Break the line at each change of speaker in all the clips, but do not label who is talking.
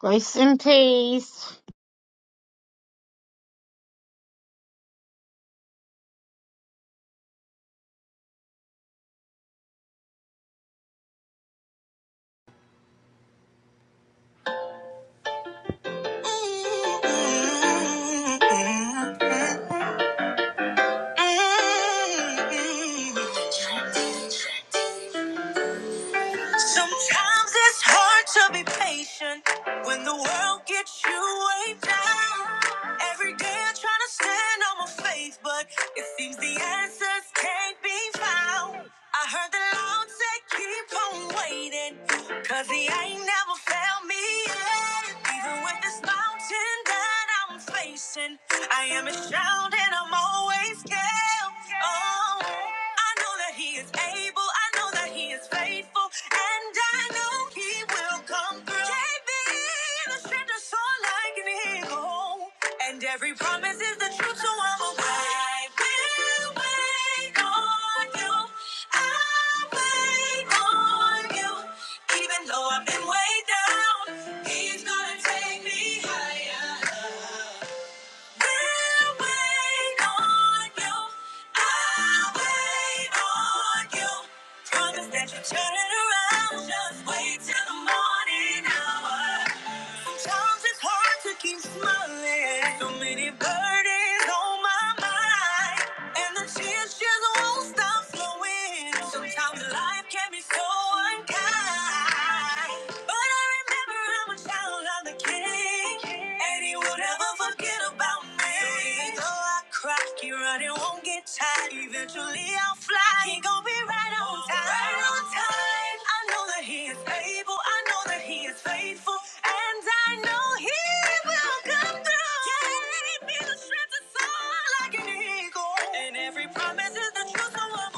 Grace and peace.
Sometimes it's hard to be patient when the world gets you way down. Every day I try to stand on my faith, but it seems the answers can't be found. I heard the Lord say, keep on waiting, cause he ain't never failed me yet. Even when with this mountain that I'm facing. I am a child and I'm always scared. Oh, I know that He is able. I know that He is faithful, and I know He will come through. Gave me the strength to soar like an eagle, and every promise is the i will wait on you. I'll wait on you. Even though I've been way down, he's gonna take me higher. Turn it around, just wait till the morning hour. Sometimes it's hard to keep smiling. So many burdens on my mind. And the tears just won't stop flowing. Sometimes life can be so unkind. but Lord, I remember I'm a child of the King, and He will never forget about me. Though I cry, keep running, won't get tired. Eventually I'll fly. He gon' be right on time. Right on time. I know that He is able. I know that He is faithful, and I know He will come through. Gave me the strength to soar like an eagle, and every promise is the truth. So I'm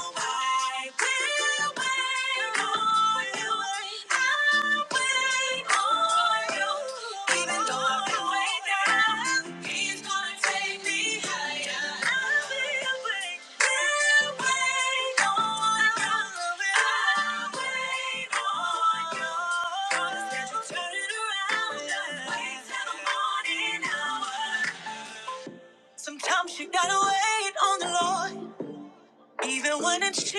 Sometimes you gotta wait on the Lord. Even when it shakes,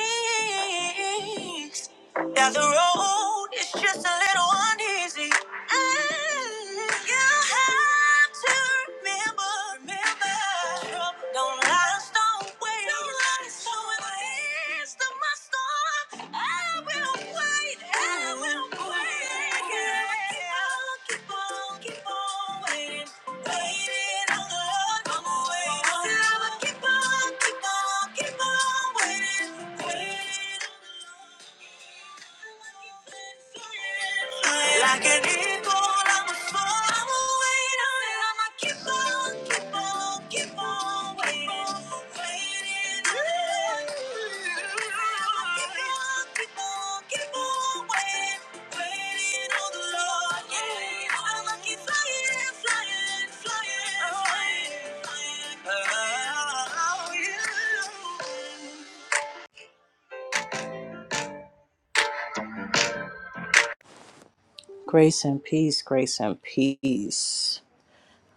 that the road is just a little uneasy. Mm, you have to remember, remember, trouble don't last always. Don't last always. In the midst of my storm, I will wait. I will wait. Like an eagle, I'm a fall, I'm a waiting. Grace and peace, grace and peace.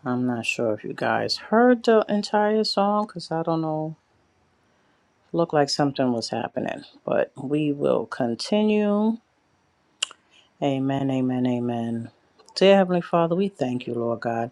I'm not sure if you guys heard the entire song because I don't know Looked like something was happening, but we will continue. Amen, amen, amen. Dear Heavenly Father, we thank you, Lord God.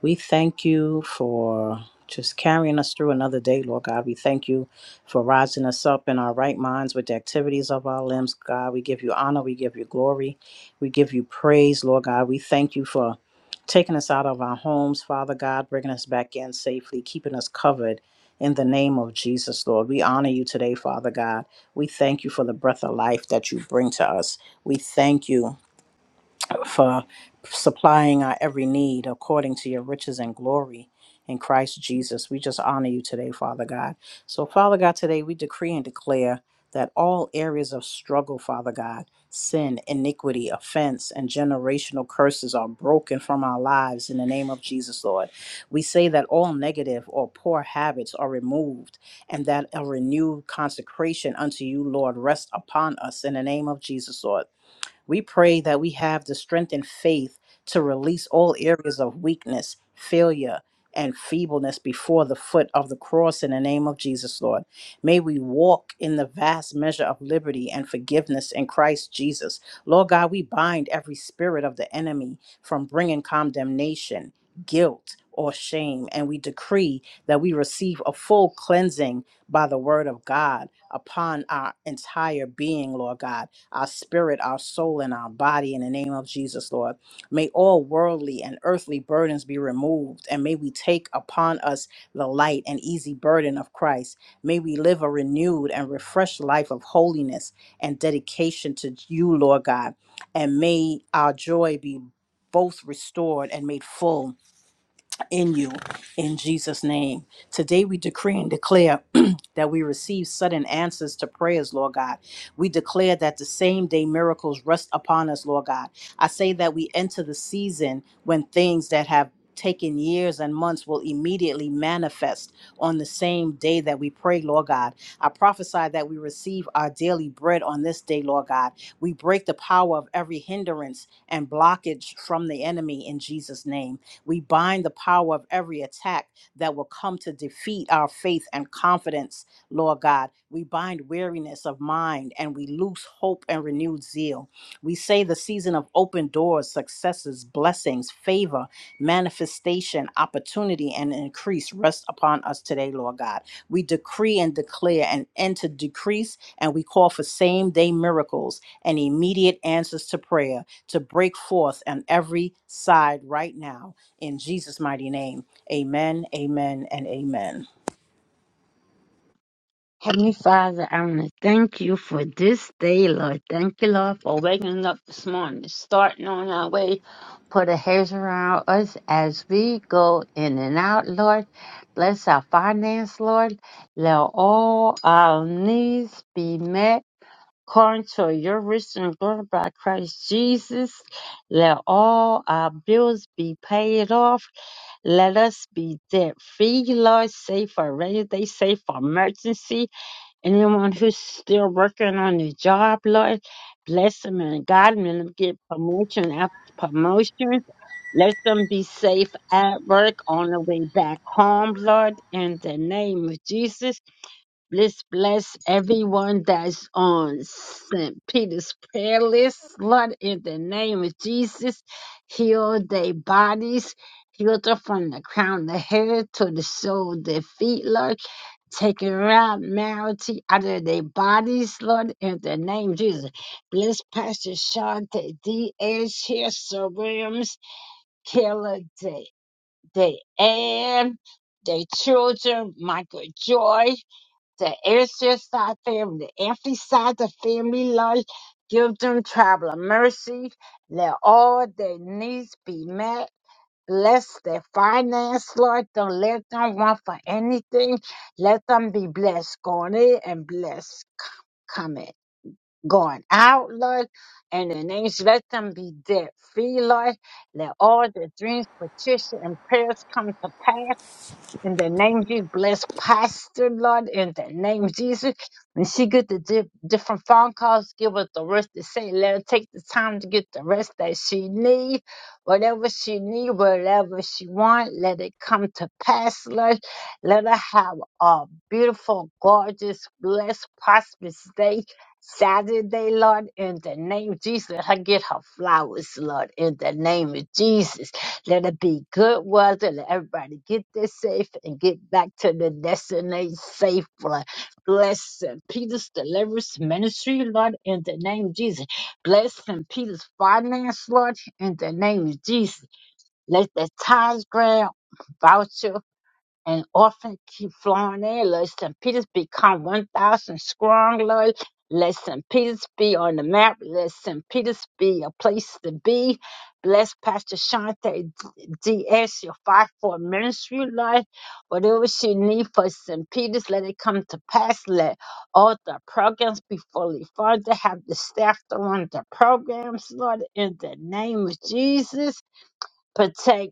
We thank you for just carrying us through another day, Lord God. We thank you for rising us up in our right minds with the activities of our limbs, God. We give you honor. We give you glory. We give you praise, Lord God. We thank you for taking us out of our homes, Father God, bringing us back in safely, keeping us covered in the name of Jesus, Lord. We honor you today, Father God. We thank you for the breath of life that you bring to us. We thank you for supplying our every need according to your riches and glory in Christ Jesus. We just honor you today, Father God. So, Father God, today we decree and declare that all areas of struggle, Father God, sin, iniquity, offense, and generational curses are broken from our lives in the name of Jesus, Lord. We say that all negative or poor habits are removed and that a renewed consecration unto you, Lord, rests upon us in the name of Jesus, Lord. We pray that we have the strength and faith to release all areas of weakness, failure, and feebleness before the foot of the cross in the name of Jesus, Lord. May we walk in the vast measure of liberty and forgiveness in Christ Jesus. Lord God, we bind every spirit of the enemy from bringing condemnation, guilt, or shame, and we decree that we receive a full cleansing by the word of God upon our entire being, Lord God our spirit, our soul, and our body in the name of Jesus, Lord. May all worldly and earthly burdens be removed, and may we take upon us the light and easy burden of Christ. May we live a renewed and refreshed life of holiness and dedication to you, Lord God. And may our joy be both restored and made full in you in Jesus' name. Today we decree and declare that we receive sudden answers to prayers, Lord God. We declare that the same day miracles rest upon us, Lord God. I say that we enter the season when things that have Taken years and months will immediately manifest on the same day that we pray, Lord God. I prophesy that we receive our daily bread on this day, Lord God. We break the power of every hindrance and blockage from the enemy in Jesus' name. We bind the power of every attack that will come to defeat our faith and confidence, Lord God. We bind weariness of mind and we loose hope and renewed zeal. We say the season of open doors, successes, blessings, favor, manifestation, opportunity, and increase rest upon us today, Lord God. We decree and declare an end to decrease, and we call for same day miracles and immediate answers to prayer to break forth on every side right now in Jesus' mighty name. Amen, amen, and amen.
Heavenly Father, I want to thank you for this day, Lord. Thank you, Lord, for waking up this morning, starting on our way. Put a hedge around us as we go in and out, Lord. Bless our finance, Lord. Let all our needs be met. According to your rich and glory by Christ Jesus, let all our bills be paid off. Let us be there. Free laws safe for rainy day, safe for emergency. Anyone who's still working on their job, Lord, bless them and God them and get promotion after promotion. Let them be safe at work on the way back home, Lord, in the name of Jesus. Let's bless everyone that's on St. Peter's prayer list. Lord, in the name of Jesus, heal their bodies, heal them from the crown of the head to the sole of their feet, Lord. Take abnormality out of their bodies, Lord, in the name of Jesus. Bless Pastor Shante Diaz here, Williams, Kayla De, De Ann, their children, Michael Joy the Ayrshire side family, the Anthony side, the family life. Give them traveling mercy. Let all their needs be met. Bless their finance, Lord. Don't let them want for anything. Let them be blessed going in and blessed c- coming. Going out, Lord, and the names let them be debt free, Lord. Let all their dreams, petition, and prayers come to pass. In the name of Jesus, bless Pastor, Lord, in the name of Jesus. When she get the di- different phone calls, give her the rest to say, let her take the time to get the rest that she need. Whatever she need, whatever she want, let it come to pass, Lord. Let her have a beautiful, gorgeous, blessed, prosperous day. Saturday, Lord, in the name of Jesus, let her get her flowers, Lord, in the name of Jesus. Let it be good weather. Let everybody get there safe and get back to the destination safe. Lord. Bless St. Peter's Deliverance Ministry, Lord, in the name of Jesus. Bless St. Peter's Finance, Lord, in the name of Jesus. Let the tithes grant, voucher and often keep flowing in. Lord St. Peter's become 1,000 strong, Lord. Let St. Peter's be on the map. Let St. Peter's be a place to be. Bless Pastor Shante D.S., your fight for ministry, Lord. Whatever she need for St. Peter's, let it come to pass. Let all the programs be fully funded. Have the staff to run the programs, Lord, in the name of Jesus. Protect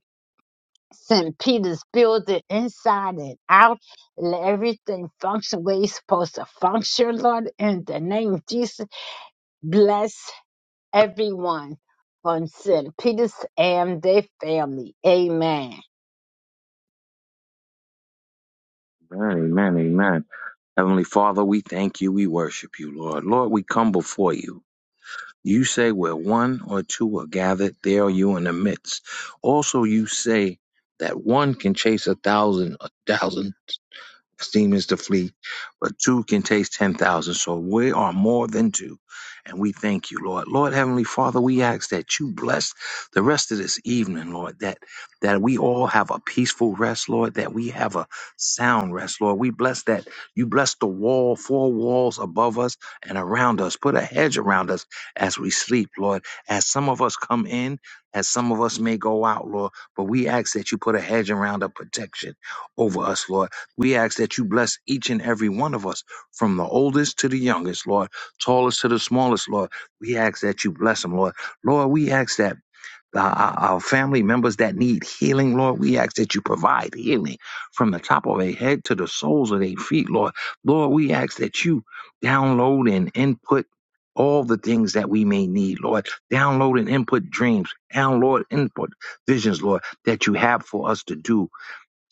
St. Peter's building inside and out. Let everything function where it's supposed to function, Lord. In the name of Jesus, bless everyone on St. Peter's and their family. Amen.
Amen, amen, amen. Heavenly Father, we thank you. We worship you, Lord. Lord, we come before you. You say where one or two are gathered, there are you in the midst. Also, you say that one can chase a thousand, a thousand. Demons to flee, but two can taste 10,000. So we are more than two. And we thank you, Lord. Lord Heavenly Father, we ask that you bless the rest of this evening, Lord, that, that we all have a peaceful rest, Lord, that we have a sound rest, Lord. We bless that you bless the wall, four walls above us and around us. Put a hedge around us as we sleep, Lord. As some of us come in, as some of us may go out, Lord, but we ask that you put a hedge around a protection over us, Lord we ask that you bless each and every one of us, from the oldest to the youngest, Lord, tallest to the smallest, Lord. We ask that you bless them, Lord. Lord, we ask that uh, our our family members that need healing, Lord, we ask that you provide healing from the top of their head to the soles of their feet, Lord. Lord, we ask that you download and input all the things that we may need, Lord. Download and input dreams, download input visions, Lord, that you have for us to do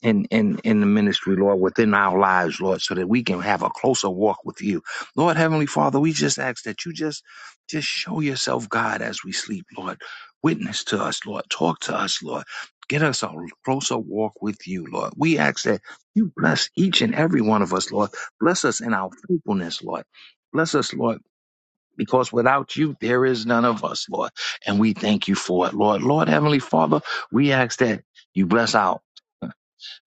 in, in, in the ministry, Lord, within our lives, Lord, so that we can have a closer walk with you. Lord Heavenly Father, we just ask that you just just show yourself, God, as we sleep, Lord. Witness to us, Lord. Talk to us, Lord. Get us a closer walk with you, Lord. We ask that you bless each and every one of us, Lord. Bless us in our faithfulness, Lord. Bless us, Lord, because without you, there is none of us, Lord. And we thank you for it, Lord. Lord, Heavenly Father, we ask that you bless our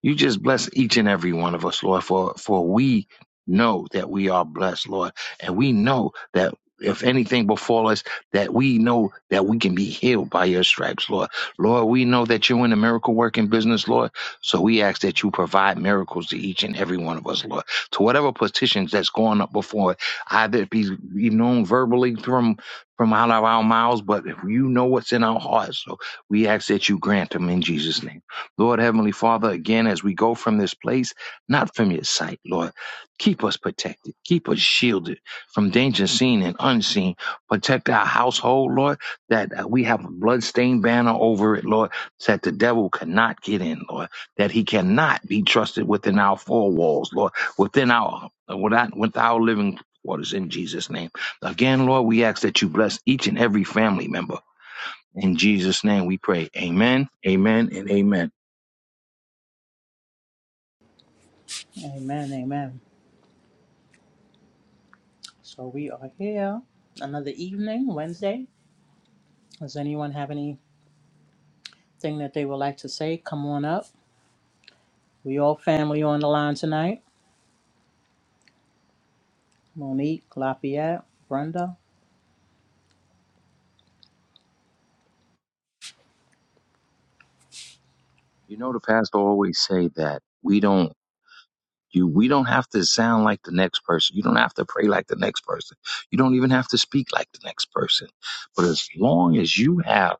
you just bless each and every one of us, Lord, for, for we know that we are blessed, Lord. And we know that if anything befall us, that we know that we can be healed by your stripes, Lord. Lord, we know that you're in the miracle working business, Lord. So we ask that you provide miracles to each and every one of us, Lord. To whatever petitions that's going up before, either it be, be known verbally from from out of our mouths, but if you know what's in our hearts. So we ask that you grant them in Jesus' name. Lord Heavenly Father, again, as we go from this place, not from your sight, Lord, keep us protected, keep us shielded from danger seen and unseen. Protect our household, Lord, that uh, we have a bloodstained banner over it, Lord, so that the devil cannot get in, Lord, that he cannot be trusted within our four walls, Lord, within our, without, with our living quarters in Jesus' name. Again, Lord, we ask that you bless each and every family member. In Jesus' name we pray. Amen, amen, and amen.
Amen, amen. So we are here another evening, Wednesday. Does anyone have anything that they would like to say? Come on up. We all family on the line tonight. Monique, Lafayette, Brenda.
You know, the pastor always say that we don't you we don't have to sound like the next person. You don't have to pray like the next person. You don't even have to speak like the next person. But as long as you have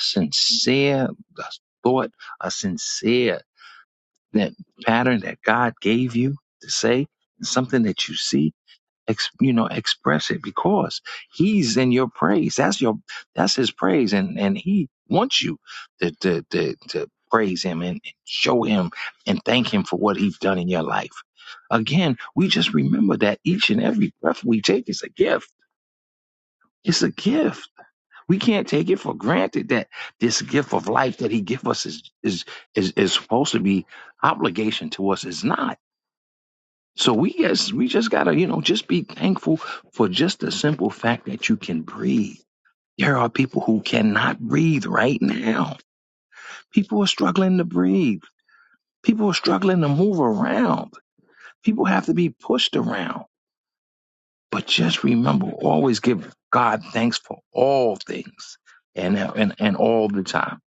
sincere thought, a sincere that pattern that God gave you to say, something that you see ex, you know express it because he's in your praise that's your that's his praise and and he wants you to to to, to praise him and show him and thank him for what he's done in your life again we just remember that each and every breath we take is a gift it's a gift we can't take it for granted that this gift of life that he gives us is is is, is supposed to be obligation to us is not so we just we just gotta you know just be thankful for just the simple fact that you can breathe. There are people who cannot breathe right now. People are struggling to breathe. People are struggling to move around. People have to be pushed around. But just remember, always give God thanks for all things and and, and all the time.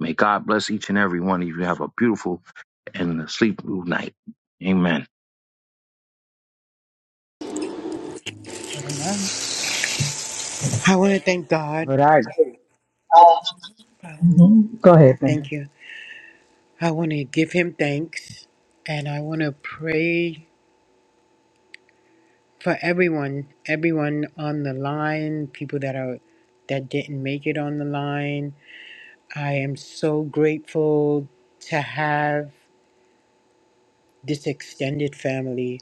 May God bless each and every one of you. Have a beautiful and sleep night. Amen.
I want to thank God.
But I Mhm. Go ahead. Thank
Thank you. I want to give him thanks and I want to pray for everyone, everyone on the line, people that are that didn't make it on the line. I am so grateful to have this extended family,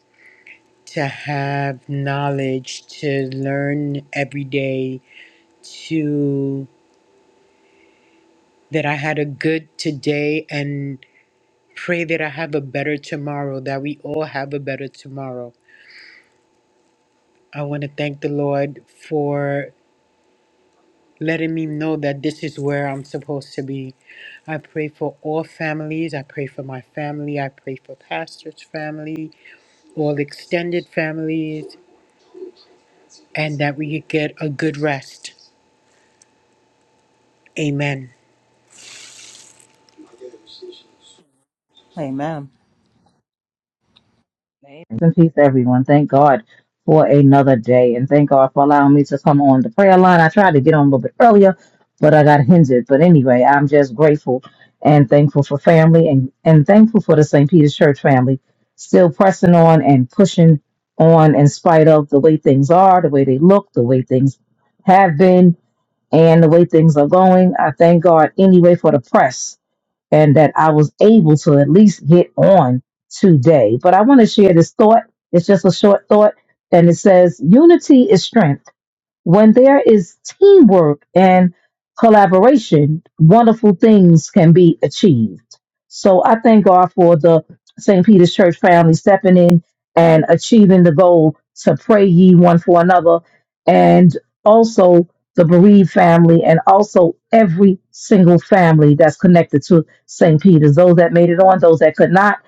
to have knowledge, to learn every day, to that I had a good today and pray that I have a better tomorrow, that we all have a better tomorrow. I want to thank the Lord for letting me know that this is where I'm supposed to be. I pray for all families. I pray for my family. I pray for pastor's family, all extended families, and that we get a good rest. Amen.
Amen.
And peace, everyone. Thank God for another day. And thank God for allowing me to come on the prayer line. I tried to get on a little bit earlier, but I got hindered. But anyway, I'm just grateful and thankful for family and, and thankful for the St. Peter's Church family still pressing on and pushing on in spite of the way things are, the way they look, the way things have been, and the way things are going. I thank God anyway for the press and that I was able to at least get on today. But I want to share this thought. It's just a short thought. And it says, Unity is strength. When there is teamwork and collaboration, wonderful things can be achieved. So I thank God for the St. Peter's Church family stepping in and achieving the goal to pray ye one for another, and also the bereaved family, and also every single family that's connected to St. Peter's, those that made it on, those that could not,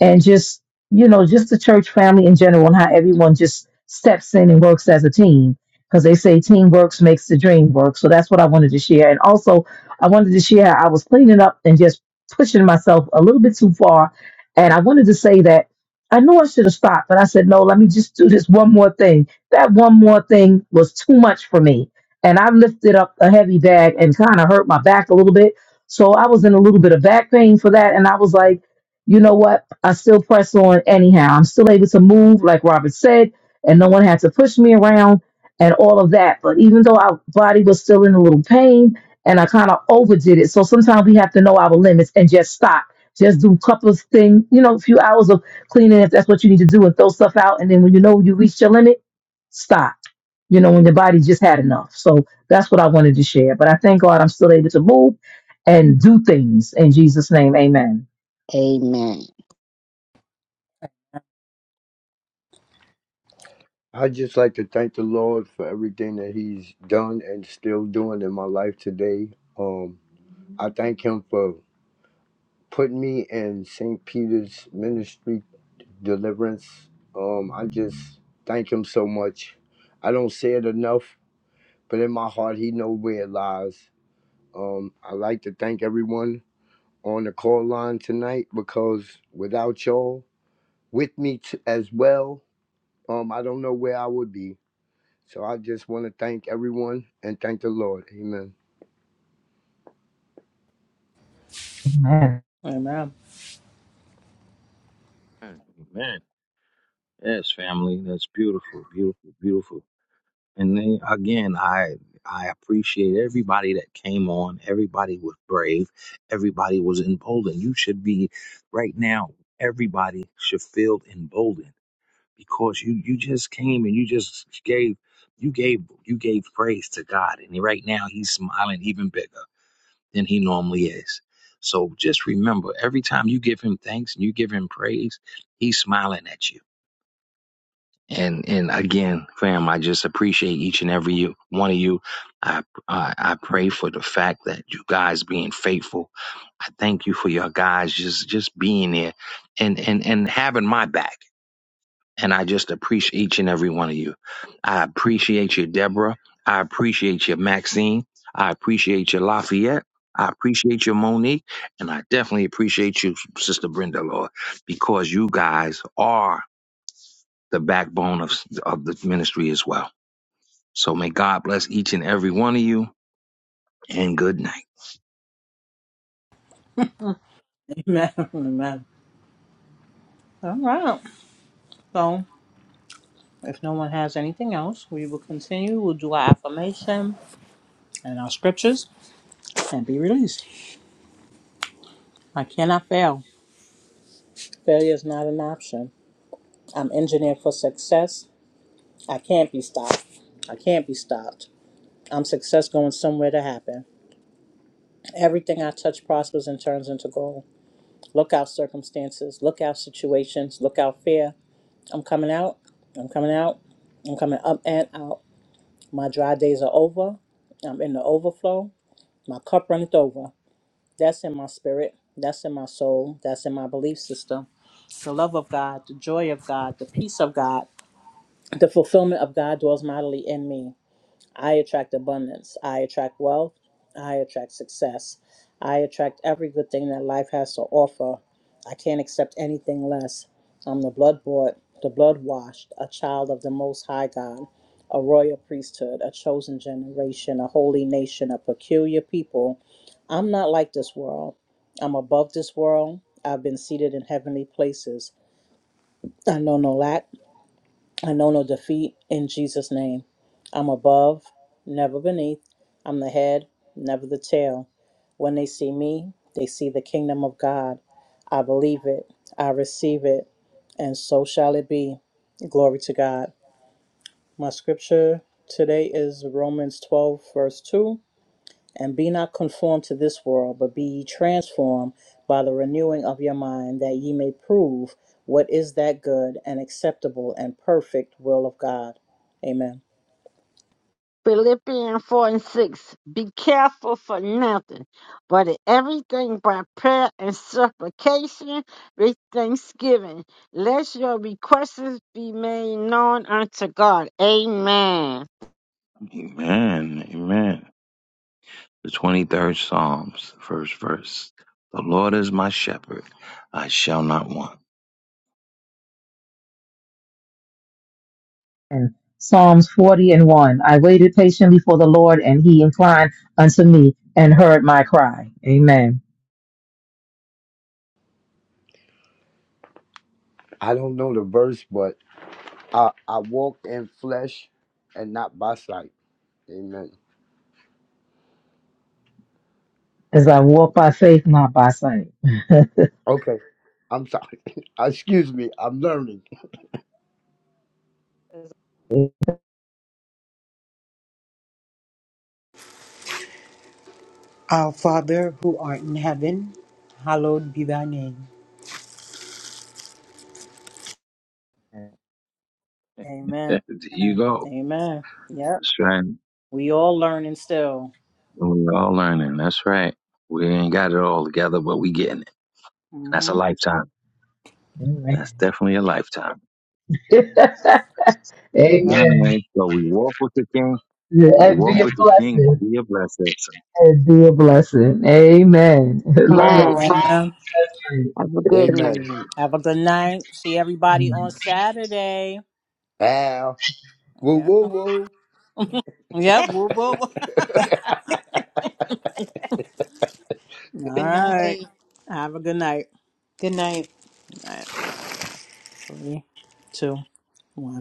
and just you know, just the church family in general and how everyone just steps in and works as a team because they say teamwork makes the dream work. So that's what I wanted to share. And also, I wanted to share how I was cleaning up and just pushing myself a little bit too far. And I wanted to say that I knew I should have stopped, but I said, no, let me just do this one more thing. That one more thing was too much for me. And I lifted up a heavy bag and kind of hurt my back a little bit. So I was in a little bit of back pain for that. And I was like, you know what? I still press on anyhow. I'm still able to move, like Robert said, and no one had to push me around and all of that. But even though our body was still in a little pain and I kind of overdid it. So sometimes we have to know our limits and just stop. Just do a couple of things, you know, a few hours of cleaning if that's what you need to do and throw stuff out. And then when you know you reached your limit, stop. You know, when your body just had enough. So that's what I wanted to share. But I thank God I'm still able to move and do things in Jesus' name. Amen.
Amen.
I'd just like to thank the Lord for everything that He's done and still doing in my life today. Um, I thank Him for putting me in St. Peter's ministry deliverance. Um, I just thank Him so much. I don't say it enough, but in my heart, He knows where it lies. Um, I like to thank everyone on the call line tonight because without y'all with me t- as well, um, I don't know where I would be. So I just want to thank everyone and thank the Lord. Amen.
Amen.
Amen.
Amen. Yes, family. That's beautiful, beautiful, beautiful. And then, again, I I appreciate everybody that came on. Everybody was brave. Everybody was emboldened. You should be right now. Everybody should feel emboldened because you you just came and you just gave you gave you gave praise to God, and right now He's smiling even bigger than He normally is. So just remember, every time you give Him thanks and you give Him praise, He's smiling at you and and again, fam, I just appreciate each and every you, one of you. I, I I pray for the fact that you guys being faithful. I thank you for your guys just just being there and and and having my back. And I just appreciate each and every one of you. I appreciate you, Deborah. I appreciate you, Maxine. I appreciate you, Lafayette. I appreciate you, Monique, and I definitely appreciate you, Sister Brenda, Lord, because you guys are the backbone of, of the ministry as well. So may God bless each and every one of you and good night.
Amen. Amen. All right. So if no one has anything else, we will continue. We'll do our affirmation and our scriptures and be released. I cannot fail. Failure is not an option. I'm engineered for success. I can't be stopped. I can't be stopped. I'm success going somewhere to happen. Everything I touch prospers and turns into gold. Look out circumstances, look out situations, look out fear. I'm coming out. I'm coming out. I'm coming up and out. My dry days are over. I'm in the overflow. My cup runneth over. That's in my spirit. That's in my soul. That's in my belief system. The love of God, the joy of God, the peace of God, the fulfillment of God dwells mightily in me. I attract abundance. I attract wealth. I attract success. I attract every good thing that life has to offer. I can't accept anything less. I'm the blood bought, the blood washed, a child of the Most High God, a royal priesthood, a chosen generation, a holy nation, a peculiar people. I'm not like this world. I'm above this world. I've been seated in heavenly places. I know no lack. I know no defeat in Jesus' name. I'm above, never beneath. I'm the head, never the tail. When they see me, they see the kingdom of God. I believe it, I receive it, and so shall it be. Glory to God. My scripture today is Romans 12, verse 2. And be not conformed to this world, but be ye transformed by the renewing of your mind, that ye may prove what is that good and acceptable and perfect will of God. Amen.
Philippians 4 and 6. Be careful for nothing, but in everything by prayer and supplication with thanksgiving. Let your requests be made known unto God. Amen.
Amen. Amen. The 23rd Psalms, first verse. The Lord is my shepherd. I shall not want.
And Psalms 40 and 1. I waited patiently for the Lord, and he inclined unto me and heard my cry. Amen.
I don't know the verse, but I, I walk in flesh and not by sight. Amen.
As I walk by faith, not by sight. Amen.
Okay. I'm sorry. Excuse me. I'm learning.
Our Father who art in heaven, hallowed be thy name.
Amen.
There you go.
Amen. Yep.
That's right.
We all learning still.
We're all learning. That's right. We ain't got it all together, but we getting it. That's a
Mm-hmm.
lifetime.
Amen.
That's definitely a lifetime. All
Yep.
Amen.
right. So we walk with the King. We
And
walk
be a
with the King.
blessing.
Be a blessing, bless
And be a blessing. Amen. Love
Man,
Amen.
Amen.
it.
have a good
Amen.
night.
Have a good night. See everybody on Saturday.
Ow. Woo,
Yeah.
woo,
yep. Woo, woo, woo.
woo.
All
Good
right.
night.
Have a good night.
Good night.
Night. Three, two, one.